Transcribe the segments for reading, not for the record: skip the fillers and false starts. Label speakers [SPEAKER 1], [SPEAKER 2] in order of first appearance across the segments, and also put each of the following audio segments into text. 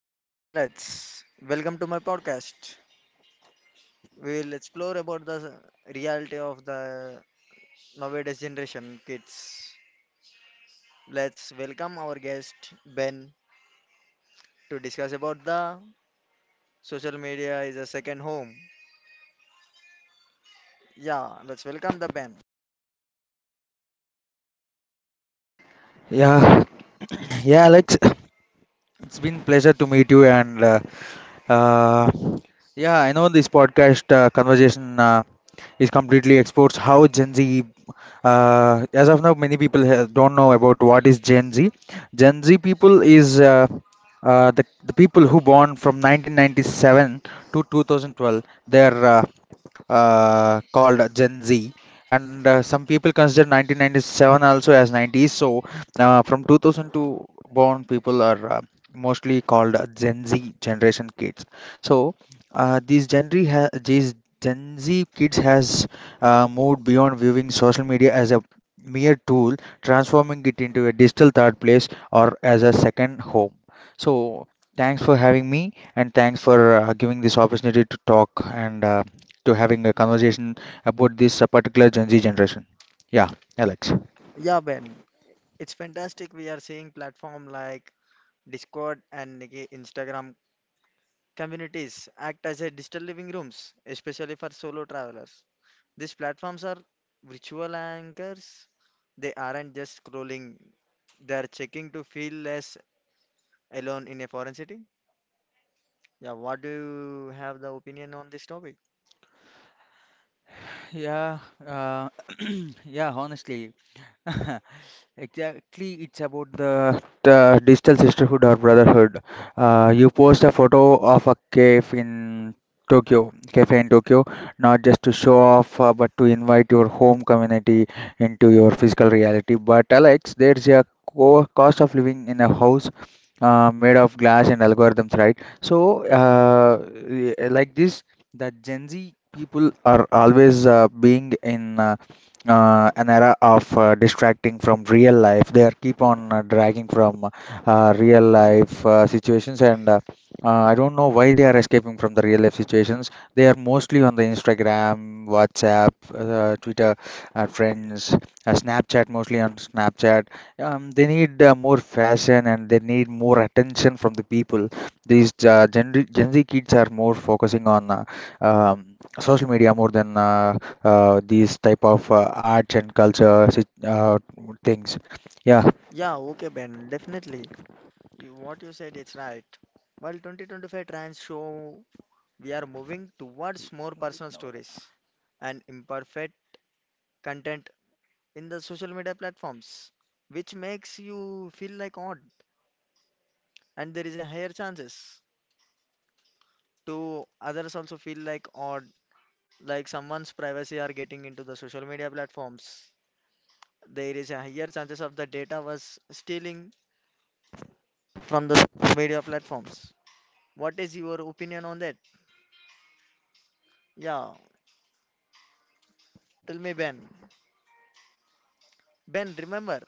[SPEAKER 1] Hi, I'm Alex. Welcome to my podcast. We'll explore about the reality of the nowadays generation kids. Let's welcome our guest Ben to discuss about the social media is a second home. Yeah, let's welcome the Ben.
[SPEAKER 2] Yeah, yeah, Alex. It's been pleasure to meet you, and uh, yeah, I know this podcast conversation. Is completely exports how Gen Z. As of now, many people don't know about what is Gen Z. Gen Z people is the people who born from 1997 to 2012. They're called Gen Z, and some people consider 1997 also as 90s. So from 2002 born people are mostly called Gen Z generation kids. So these Gen Z these Gen Z kids has moved beyond viewing social media as a mere tool, transforming it into a digital third place or as a second home. So, thanks for having me, and thanks for giving this opportunity to talk and to having a conversation about this particular Gen Z generation. Yeah, Alex.
[SPEAKER 1] Yeah, Ben. It's fantastic we are seeing platform like Discord and Instagram communities act as a digital living rooms, especially for solo travelers. These platforms are virtual anchors. They aren't just scrolling, they're checking to feel less alone in a foreign city. Yeah, what do you have the opinion on this topic?
[SPEAKER 2] Yeah, uh, yeah, honestly. Exactly, it's about the digital sisterhood or brotherhood. You post a photo of a cave in Tokyo, cafe in Tokyo, not just to show off, but to invite your home community into your physical reality. But Alex, there's a co cost of living in a house made of glass and algorithms, right? So, like this, the Gen Z people are always being in. An era of distracting from real life. They are keep on dragging from real life situations, and I don't know why they are escaping from the real life situations. They are mostly on the Instagram, WhatsApp, Twitter, Friends, Snapchat, mostly on Snapchat. They need more fashion and they need more attention from the people. These Gen Z kids are more focusing on social media more than these type of arts and culture things. Yeah.
[SPEAKER 1] Yeah, okay, Ben, definitely. You, what you said is right. While 2025 trends show we are moving towards more personal stories and imperfect content in the social media platforms, which makes you feel like odd and there is a higher chances. Do others also feel like odd, like someone's privacy are getting into the social media platforms? There is a higher chances of the data was stealing from the social media platforms. What is your opinion on that? Yeah, tell me, Ben. Ben, remember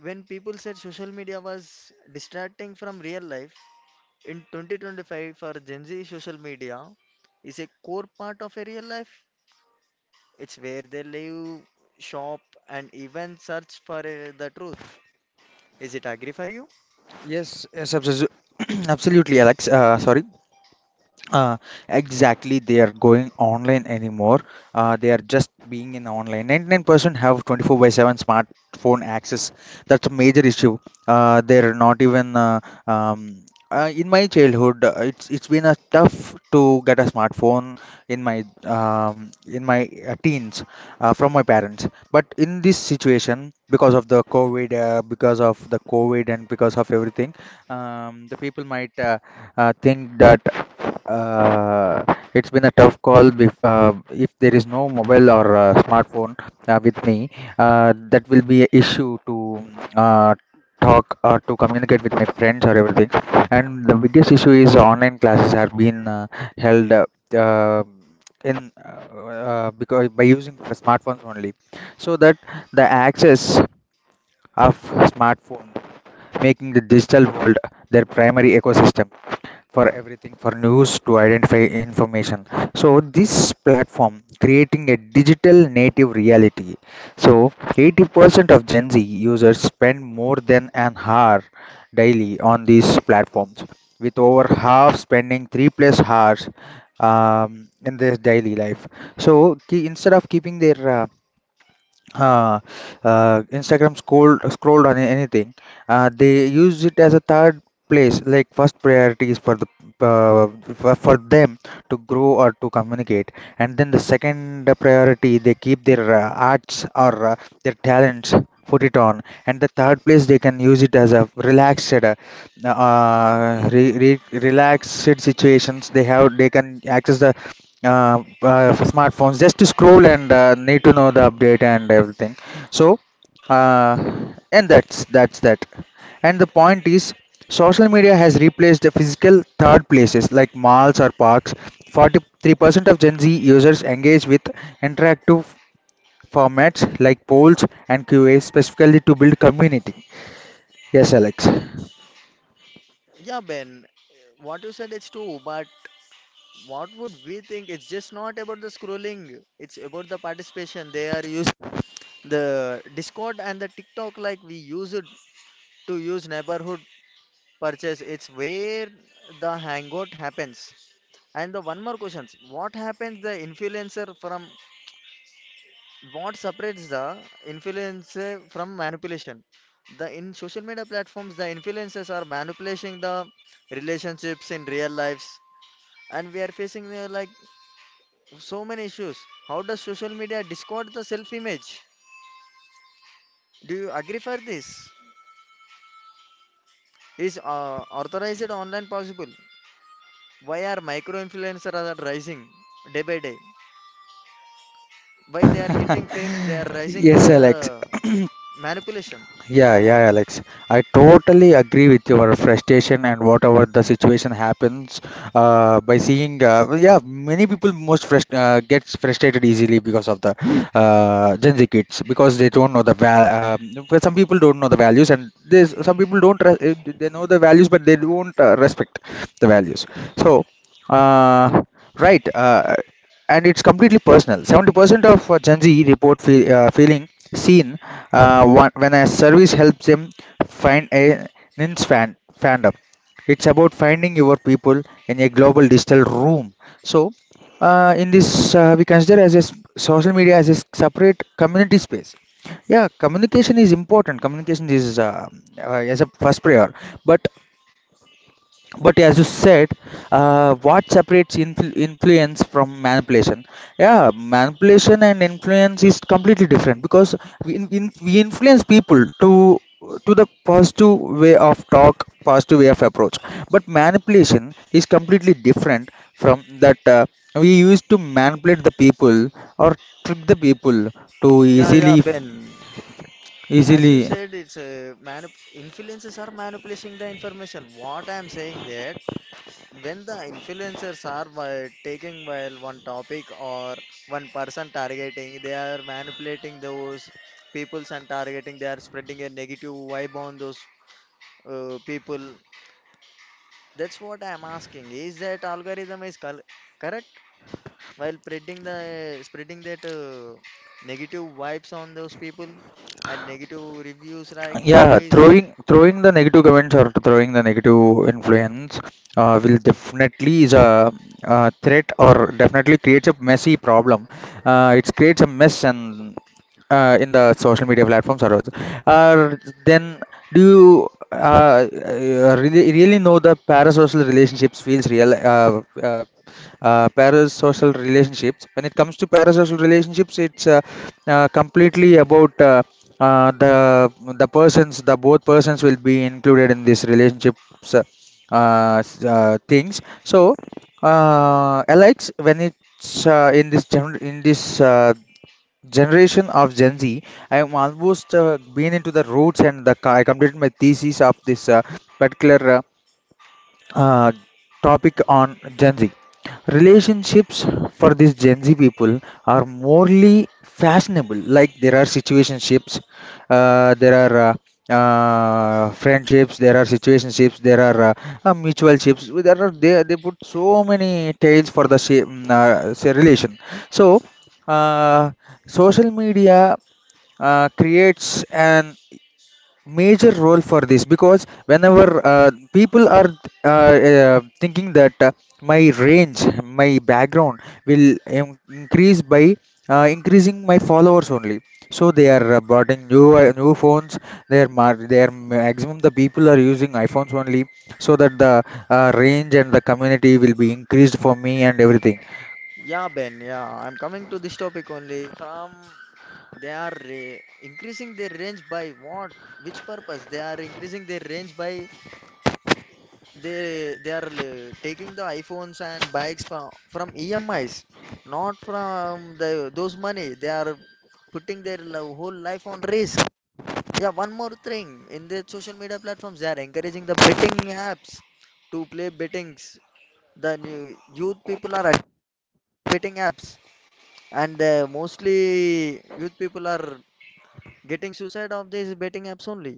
[SPEAKER 1] when people said social media was distracting from real life. In 2025 for Gen Z, social media is a core part of a real life. It's where they live, shop, and even search for the truth. Is it agree for you?
[SPEAKER 2] Yes. Absolutely, Alex. Sorry. Uh, exactly, they are going online anymore. They are just being in online. 99% have 24 by 7 smartphone access. That's a major issue. They're not even. Um, in my childhood, it's been a tough to get a smartphone in my teens from my parents. But in this situation, because of the COVID, because of the COVID, and because of everything, the people might think that. Uh, it's been a tough call if there is no mobile or smartphone with me. That will be an issue to uh, talk or to communicate with my friends or everything. And the biggest issue is online classes have been held uh, in because by using smartphones only, so that the access of smartphone making the digital world their primary ecosystem for everything, for news to identify information. So this platform creating a digital native reality. So 80% of Gen Z users spend more than an hour daily on these platforms, with over half spending 3 plus hours um, in their daily life. So instead of keeping their uh, Instagram scrolled on anything. They use it as a third place, like first priority is for the uh, for them to grow or to communicate, and then the second priority they keep their arts or their talents put it on, and the third place they can use it as a relaxed relaxed situations. They can access the for smartphones just to scroll and need to know the update and everything. So uh, and that's that. And the point is, social media has replaced the physical third places like malls or parks. 43% of Gen Z users engage with interactive formats like polls and q qas specifically to build community. Yes, Alex.
[SPEAKER 1] Yeah, Ben, what you said is true, but what would we think? It's just not about the scrolling, it's about the participation. They are used the Discord and the TikTok like we use it to use neighborhood purchase. It's where the hangout happens. And the one more questions. What happens the influencer from, what separates the influencer from manipulation, the in social media platforms the influencers are manipulating the relationships in real lives, and we are facing like so many issues. How does social media discord the self image? Do you agree for this? Is authorized online possible? Why are micro influencers are rising day by day? Why they are getting fame? They are rising the
[SPEAKER 2] Yes, Alex.
[SPEAKER 1] manipulation.
[SPEAKER 2] Yeah, yeah, Alex. I totally agree with your frustration and whatever the situation happens. By seeing, yeah, many people most gets frustrated easily because of the Gen Z kids because they don't know the val. Because some people don't know the values, and there's some people don't. They know the values, but they don't respect the values. So. Uh, right. And it's completely personal. 70% of Gen Z report feeling seen one, when a service helps them find a niche fandom. It's about finding your people in a global digital room. So, in this, we consider as a social media as a separate community space. Yeah, communication is important. Communication is as a first prior, but but as you said, what separates influence from manipulation. Yeah, manipulation and influence is completely different, because we, we influence people to the positive way of talk, positive way of approach. But manipulation is completely different from that. We used to manipulate the people or trick the people to
[SPEAKER 1] Yeah, yeah,
[SPEAKER 2] easily
[SPEAKER 1] Ben, as you
[SPEAKER 2] easily.
[SPEAKER 1] said, it's influencers are manipulating the information. What I'm saying that, when the influencers are by taking while one topic or one person targeting, they are manipulating those peoples, and targeting they are spreading a negative vibe on those people. That's what I'm asking, is that algorithm is correct while spreading the spreading that negative vibes on those people and negative reviews like
[SPEAKER 2] Yeah,
[SPEAKER 1] movies.
[SPEAKER 2] throwing the negative comments or throwing the negative influence will definitely is a threat or definitely creates a messy problem. It creates a mess and in the social media platforms or also. uh, then do you really know the parasocial relationships feels real? Parasocial relationships. When it comes to parasocial relationships, it's completely about uh, the the persons, the both persons will be included in this relationships uh, things. So, Alex, when it's in this general in this generation of Gen Z, I am almost been into the roots and the, I completed my thesis of this particular uh, topic on Gen Z. Relationships for these Gen Z people are morely fashionable. Like there are situationships, there are friendships, there are situationships, there are mutual ships. There are they put so many tails for the shape, say relation. So uh, social media creates an major role for this, because whenever people are thinking that, my range, my background will increase by increasing my followers only. So they are brought in new new phones. They are mar they are maximum the people are using iPhones only, so that the range and the community will be increased for me and everything.
[SPEAKER 1] Yeah, Ben, yeah, I'm coming to this topic only. From they are increasing their range by what? Which purpose? They are increasing their range by, they are taking the iPhones and bikes from EMIs, not from the those money. They are putting their whole life on risk. Yeah, one more thing. In the social media platforms, they are encouraging the betting apps to play bettings. The new youth people are at betting apps, and mostly youth people are getting suicide of these betting apps only.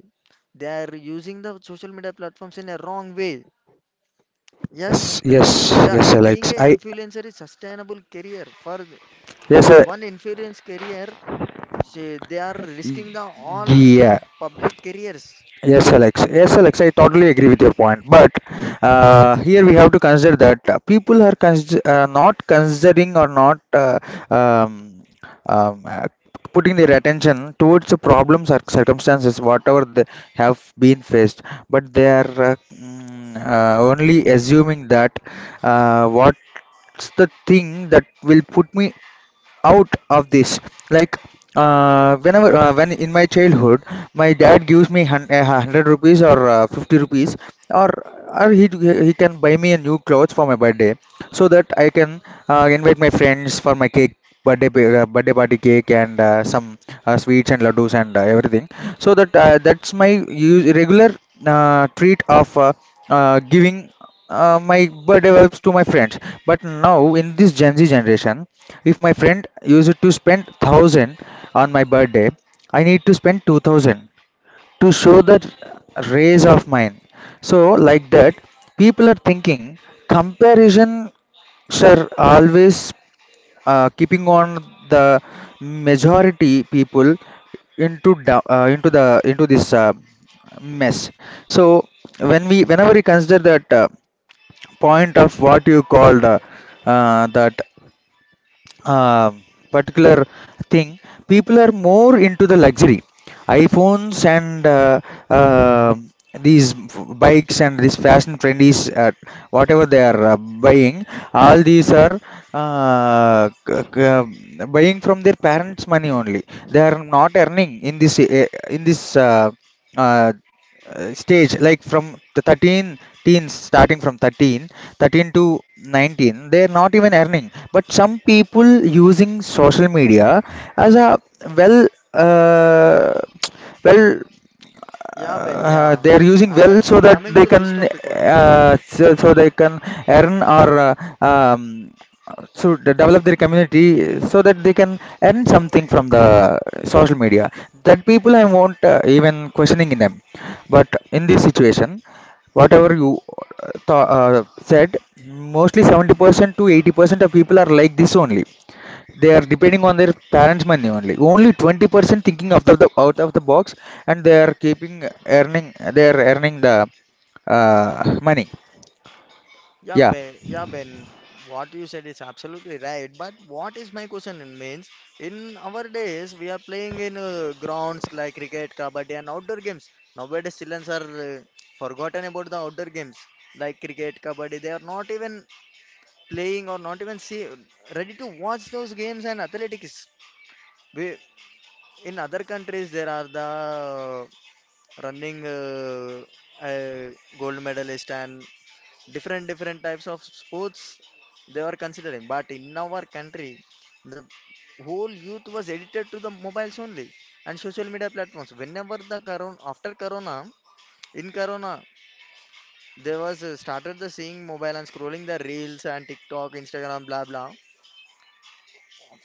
[SPEAKER 1] They are using the social media platforms in a wrong way. Yes.
[SPEAKER 2] Yes, yes,
[SPEAKER 1] Yeah,
[SPEAKER 2] yes,
[SPEAKER 1] is
[SPEAKER 2] Alex,
[SPEAKER 1] being a
[SPEAKER 2] I
[SPEAKER 1] influencer is sustainable career for
[SPEAKER 2] yes,
[SPEAKER 1] those one influence career. They are
[SPEAKER 2] y-
[SPEAKER 1] risking the all
[SPEAKER 2] yeah.
[SPEAKER 1] public careers.
[SPEAKER 2] Yes, Alex. Yes, Alex. I totally agree with your point. But here we have to consider that people are not considering or not um, um, uh, putting their attention towards the problems or circumstances, whatever they have been faced. But they are only assuming that, what's the thing that will put me out of this, like whenever when in my childhood my dad gives me 100 rupees or 50 rupees or or he he can buy me a new clothes for my birthday, so that I can invite my friends for my cake birthday birthday party cake and some sweets and laddus and everything. So that that's my use, regular treat of giving my birthday vibes to my friends. But now in this Gen Z generation, if my friend used to spend 1,000 on my birthday, I need to spend 2,000 to show that raise of mine. So like that, people are thinking comparison sir always keeping on the majority people into da- into the into this mess. So when we whenever we consider that point of what you called, that uh, particular thing, people are more into the luxury. iPhones and uh, these bikes and these fashion friendly, whatever they are buying, all these are uh, c- c- uh, buying from their parents' money only. They are not earning in this in this uh, uh, stage, like from the 13 teens starting from thirteen to 19 they're not even earning, but some people using social media as a well uh, well
[SPEAKER 1] Yeah, Ben. Yeah,
[SPEAKER 2] they are using
[SPEAKER 1] uh,
[SPEAKER 2] well so that
[SPEAKER 1] coming to
[SPEAKER 2] they can
[SPEAKER 1] this topic only.
[SPEAKER 2] so they can earn or um, so develop their community so that they can earn something from the social media. That people I won't even questioning in them. But in this situation, whatever you said, mostly 70% to 80% of people are like this only. They are depending on their parents' money only. Only 20% thinking out of the box, and they are keeping earning. They are earning the money. Yeah,
[SPEAKER 1] Yeah, Ben, what you said is absolutely right. But what is my question in means, in our days we are playing in grounds like cricket, kabaddi, and outdoor games. Nowadays, children are forgotten about the outdoor games like cricket, kabaddi. They are not even playing or not even see ready to watch those games and athletics. We, in other countries, there are the running uh, gold medalist and different different types of sports they are considering. But in our country, the whole youth was addicted to the mobiles only and social media platforms. Whenever the corona, after corona, in corona, there was started the seeing mobile and scrolling the reels and TikTok, Instagram, blah blah.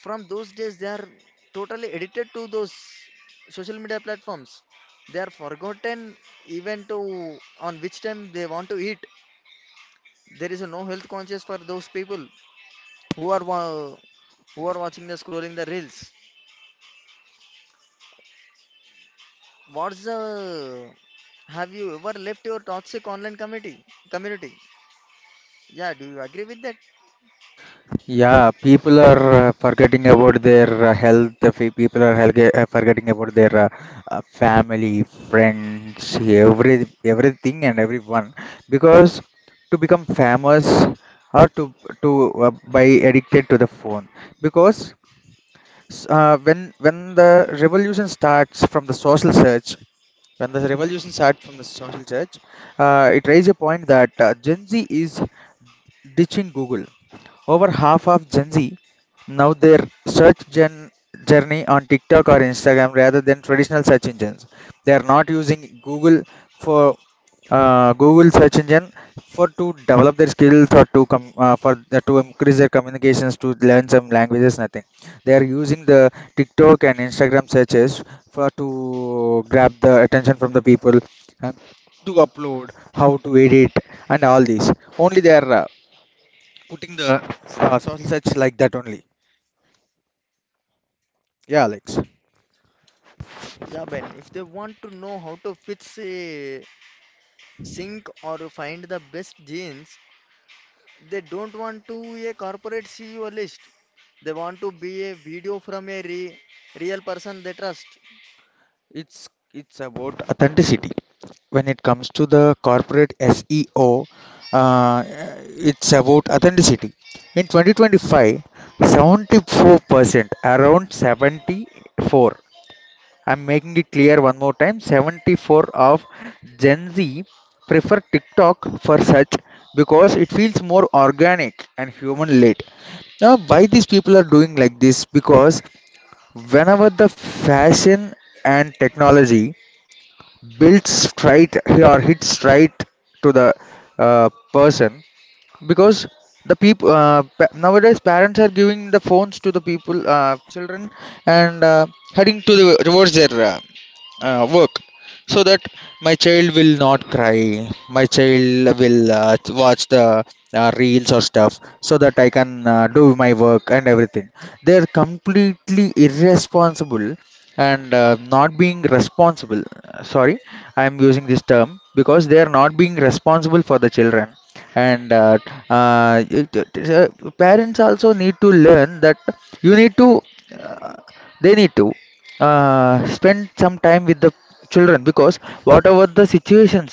[SPEAKER 1] From those days, they are totally addicted to those social media platforms. They are forgotten even to on which time they want to eat. There is no health conscious for those people who are watching the scrolling the reels. What's the, have you ever left your toxic online community? Community? Yeah, do you agree with that?
[SPEAKER 2] yeah. People are forgetting about their health. People are forgetting about their family, friends, everything and everyone because to become famous or to by addicted to the phone because when the revolution starts from the social search, when the revolution starts from the social search, it raised a point that Gen Z is ditching Google. Over half of Gen Z now their search gen journey on TikTok or Instagram rather than traditional search engines. They are not using Google for Google search engine for to develop their skills or to come for the, to increase their communications to learn some languages. Nothing. They are using the TikTok and Instagram searches for to grab the attention from the people and to upload, how to edit, and all these. Only they are putting the social search like that only. Yeah, Alex.
[SPEAKER 1] Yeah, Ben. If they want to know how to fix a sync or find the best genes. They don't want to a corporate CEO list. They want to be a video from a real person they trust.
[SPEAKER 2] It's about authenticity. When it comes to the corporate SEO, uh, it's about authenticity. In 2025, 74% around 74, I'm making it clear one more time, 74 of Gen Z prefer TikTok for such because it feels more organic and human led. Now, why these people are doing like this? Because whenever the fashion and technology builds straight or hits straight to the person, because the people nowadays parents are giving the phones to the people children and heading to the towards their work so that my child will not cry, my child will watch the reels or stuff so that I can do my work and everything. They're completely irresponsible and not being responsible. Sorry, I am using this term because they are not being responsible for the children. And uh, it- it- parents also need to learn that you need to uh, they need to spend some time with the children because whatever the situations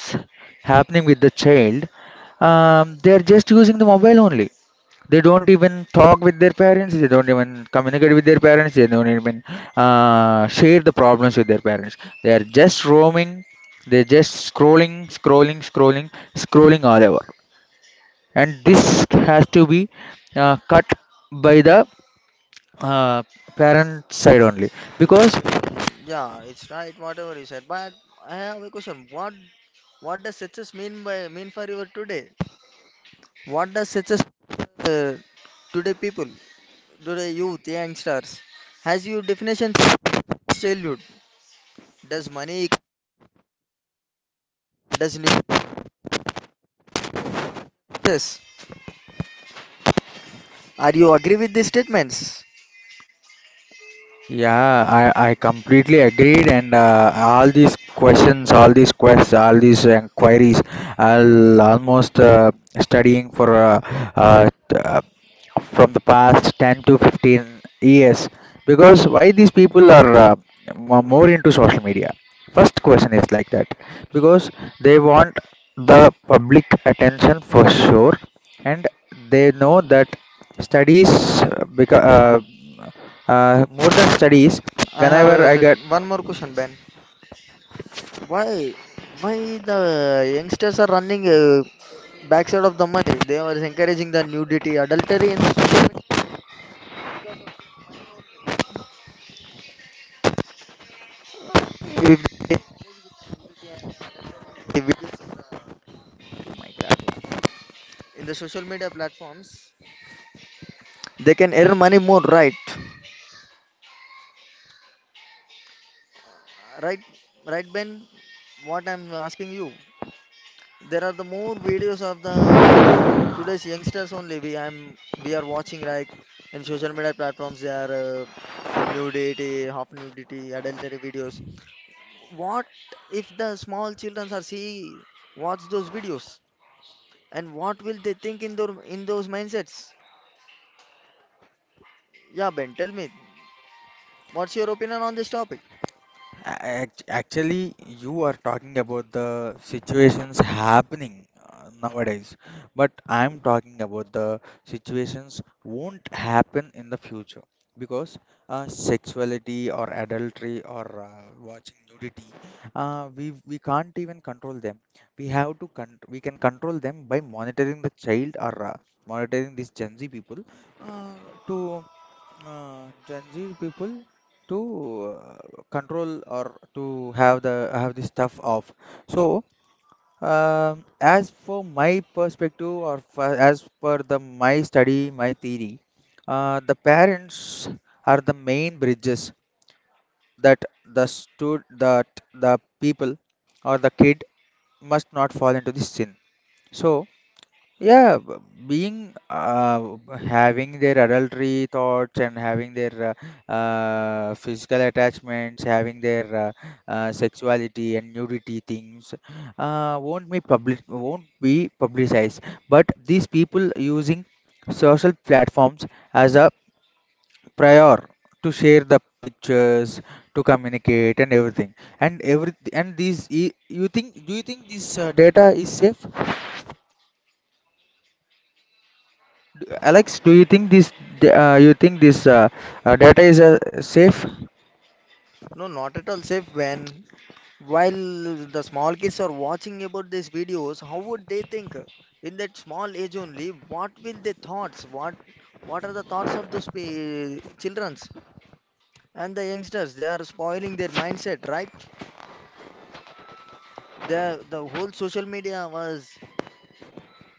[SPEAKER 2] happening with the child, they are just using the mobile only. They don't even talk with their parents. They don't even communicate with their parents. They don't even share the problems with their parents. They are just roaming. They're just scrolling, scrolling, scrolling, scrolling all over. And this has to be cut by the uh, parent side only because.
[SPEAKER 1] Yeah, it's right. Whatever you said, but I have a question. What does success mean by mean for your today? What does success uh, today people, today youth, youngsters? Has your definition changed childhood? Does money does new success? Are you agree with these statements?
[SPEAKER 2] Yeah, I completely agreed, and all these questions, all these quests, all these inquiries, I'll almost studying for uh, t- uh, from the past 10 to 15 years because why these people are more into social media. First question is like that because they want the public attention for sure and they know that studies more than studies
[SPEAKER 1] I have
[SPEAKER 2] whenever I get.
[SPEAKER 1] one more question, Ben. Why, why the youngsters are running backside of the money? They are encouraging the nudity, adultery in the social media. If they will- In the social media platforms, they can earn money more, right? Right, right, Ben. What I'm asking you, there are the more videos of the today's youngsters only. We are watching like in social media platforms. They are in nudity, half nudity, adultery videos. What if the small children are see watch those videos, and what will they think in their in those mindsets? Yeah, Ben, tell me, what's your opinion on this topic?
[SPEAKER 2] Actually, you are talking about the situations happening nowadays, but I'm talking about the situations won't happen in the future because sexuality or adultery or watching nudity, we can't even control them. We can control them by monitoring the child or monitoring these Gen Z people uh, to Gen Z people to uh, control or to have the have this stuff off. So, as for my perspective or for, as per the my study, my theory, the parents are the main bridges that the stud that the people or the kid must not fall into this sin. So, yeah, being having their adultery thoughts and having their physical attachments, having their sexuality and nudity things won't be publicized. But these people using social platforms as a prior to share the pictures, to communicate and everything. And every and these you think, do you think this data is safe? Alex, do you think this you think this data is safe?
[SPEAKER 1] No, not at all safe, Ben. While the small kids are watching about these videos, how would they think? In that small age only, what will their thoughts? What are the thoughts of those childrens and the youngsters? They are spoiling their mindset, right? The whole social media was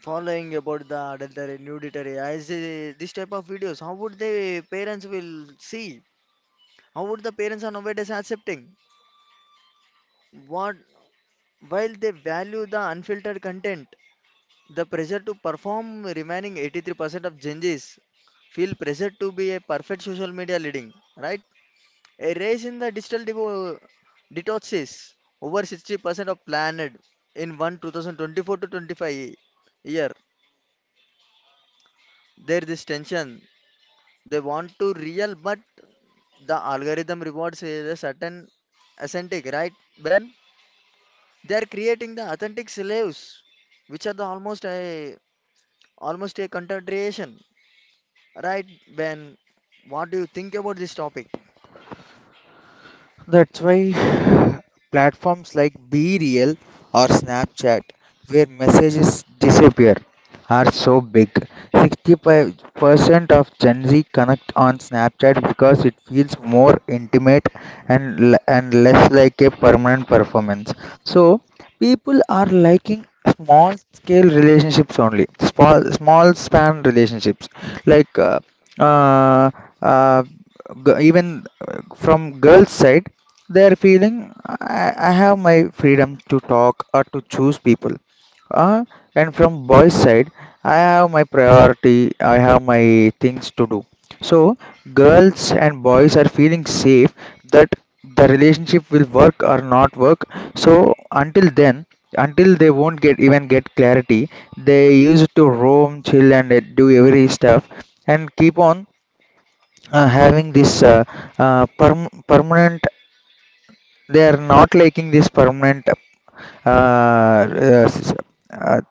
[SPEAKER 1] following about the adultery, nudity. I see this type of videos, how would the parents will see? How would the parents are nowadays accepting? What While they value the unfiltered content, the pressure to perform remaining 83% of Gen Zs feel pressure to be a perfect social media leading, right? A race in the digital detox. Over 60% of planet in one 2024 to 25 year. There is this tension, they want to real, but the algorithm rewards a certain authentic, right, Ben? They are creating the authentic slaves, which are the almost a contradiction, right, Ben? What do you think about this topic?
[SPEAKER 2] That's why platforms like Be Real or Snapchat, where messages disappear, are so big. 65% of Gen Z connect on Snapchat because it feels more intimate and and less like a permanent performance. So people are liking small scale relationships only, small span relationships, like uh, uh, g- even from girls side they are feeling, I have my freedom to talk or to choose people, uh, and from boys side I have my priority, I have my things to do. So girls and boys are feeling safe that the relationship will work or not work. So until then, until they won't get even get clarity, they used to roam, chill, and do every stuff, and keep on having this permanent, they are not liking this permanent uh, s- uh,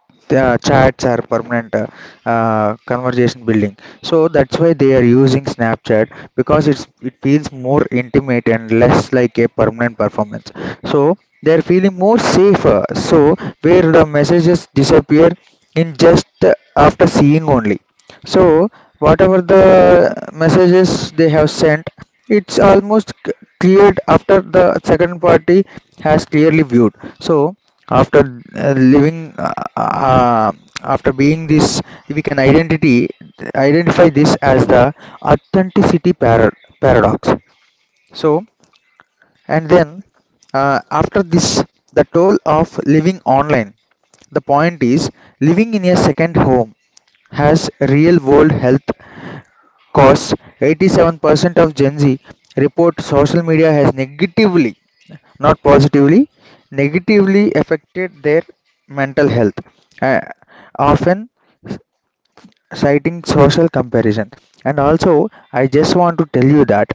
[SPEAKER 2] chats or permanent conversation building. So that's why they are using Snapchat because it's it feels more intimate and less like a permanent performance. So they are feeling more safer. So where the messages disappear in just after seeing only. So, whatever the messages they have sent, it's almost cleared after the second party has clearly viewed. So, after after being this, we can identity identify this as the authenticity paradox. So, and then after this, the toll of living online. The point is, living in a second home has real world health. Cause 87% of Gen Z report social media has negatively, not positively, negatively affected their mental health, uh, often citing social comparison. And also, I just want to tell you that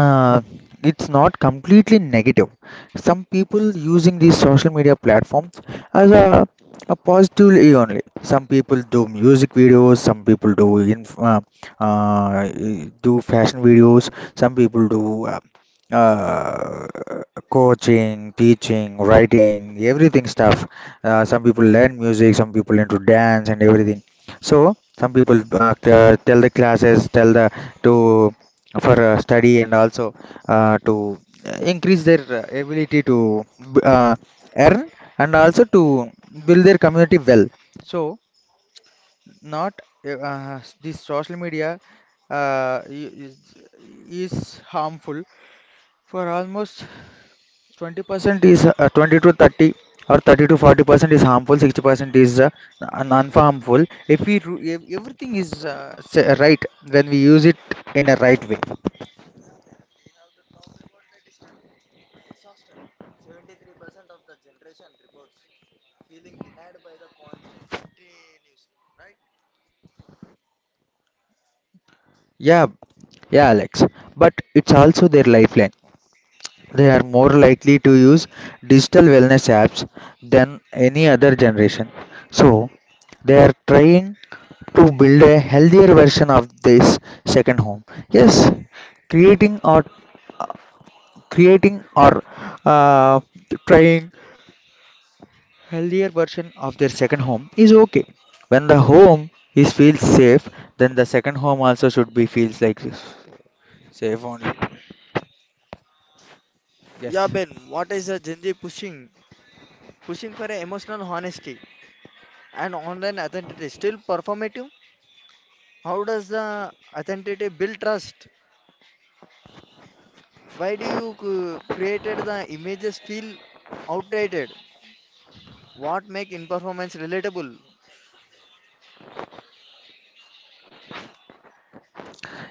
[SPEAKER 2] uh, it's not completely negative. Some people using these social media platforms as a positively only. Some people do music videos, some people do inf uh, do fashion videos, some people do uh, coaching, teaching, writing, everything stuff. Some people learn music, some people into dance and everything. So some people tell the classes, tell the to for study and also to increase their ability to b- uh, earn and also to build their community well. So not this social media uh, i- is, is harmful for almost 20%, is 20 to 30 or 30 to 40% is harmful, 60% is non-harmful if we everything is right when we use it in a right way. Yeah. Yeah, Alex, but it's also their lifeline. They are more likely to use digital wellness apps than any other generation. So, they are trying to build a healthier version of this second home. Yes, creating or creating or uh, trying healthier version of their second home is okay. When the home is feels safe, then the second home also should be feels like safe only.
[SPEAKER 1] Yeah,
[SPEAKER 2] Yes.
[SPEAKER 1] Ben, what is the Gen Z pushing, for a emotional honesty and online authenticity still performative? How does the authenticity build trust? Why do you created the images feel outdated? What make in relatable?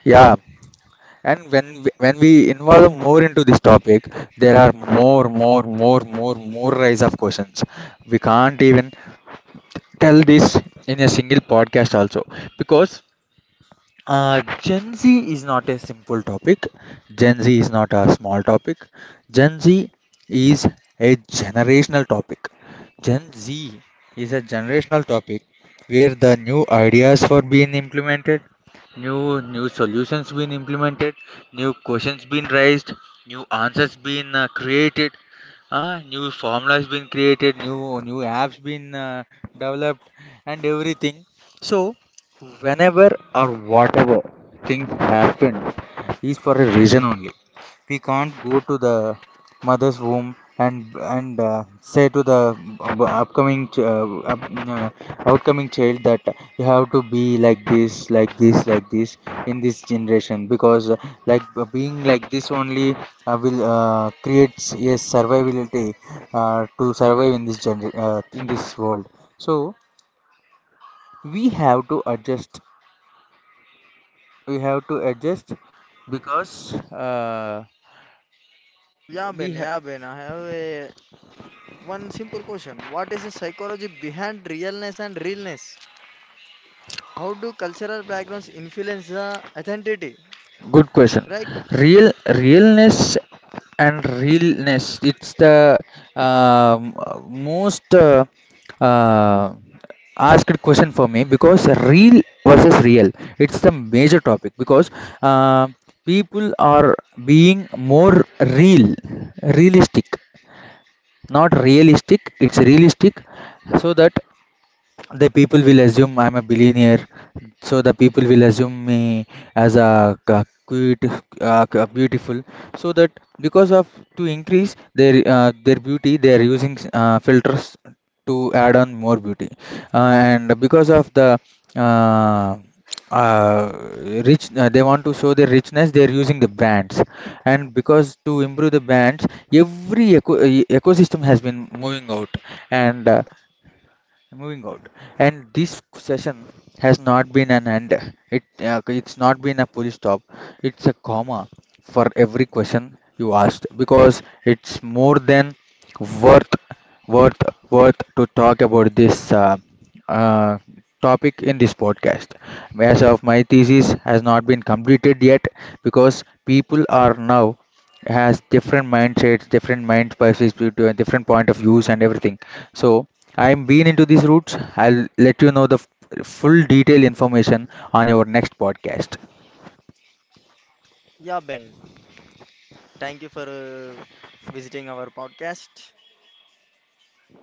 [SPEAKER 2] Yeah, and when we involve more into this topic, there are more rise of questions. We can't even tell this in a single podcast also because Gen Z is not a simple topic. Gen Z is not a small topic. Gen Z is a generational topic. Gen Z is a generational topic where the new ideas were being implemented, new solutions being implemented, new questions being raised, new answers being created, new formulas being created, new apps being developed, and everything. So whenever or whatever things happen is for a reason only. We can't go to the mother's womb and say to the up- upcoming ch- uh, up- uh, outcoming child that you have to be like this, like this, like this in this generation because being like this only will creates a survivability to survive in this gener- in this world. So we have to adjust we have to adjust because
[SPEAKER 1] Yeah,
[SPEAKER 2] we
[SPEAKER 1] Ben,
[SPEAKER 2] have.
[SPEAKER 1] yeah, Ben. I have a one simple question. What is the psychology behind realness and realness? How do cultural backgrounds influence the identity?
[SPEAKER 2] Good question.
[SPEAKER 1] Right?
[SPEAKER 2] Real, realness and realness, it's the um, most uh, asked question for me because real versus real it's the major topic because uh, people are being more real, realistic, not realistic, it's realistic so that the people will assume I'm a billionaire, so the people will assume me as a cute, beautiful, so that because of to increase their beauty, they are using filters to add on more beauty, and because of the uh, uh, rich, they want to show their richness. They are using the brands, and because to improve the brands, every ecosystem has been and uh, moving out and this session has not been an end, it it's not been a full stop, it's a comma for every question you asked because it's more than worth worth worth to talk about this uh, topic in this podcast as of my thesis has not been completed yet because people are now has different mindsets, different mind perspectives, different point of views and everything. So I'm been into these routes. I'll let you know the full detailed information on your next podcast.
[SPEAKER 1] Yeah, Ben. Thank you for visiting our podcast.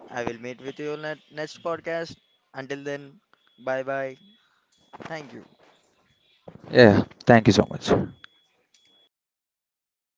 [SPEAKER 1] I will meet with you on that next podcast. Until then, bye bye. Thank you.
[SPEAKER 2] Yeah, thank you so much.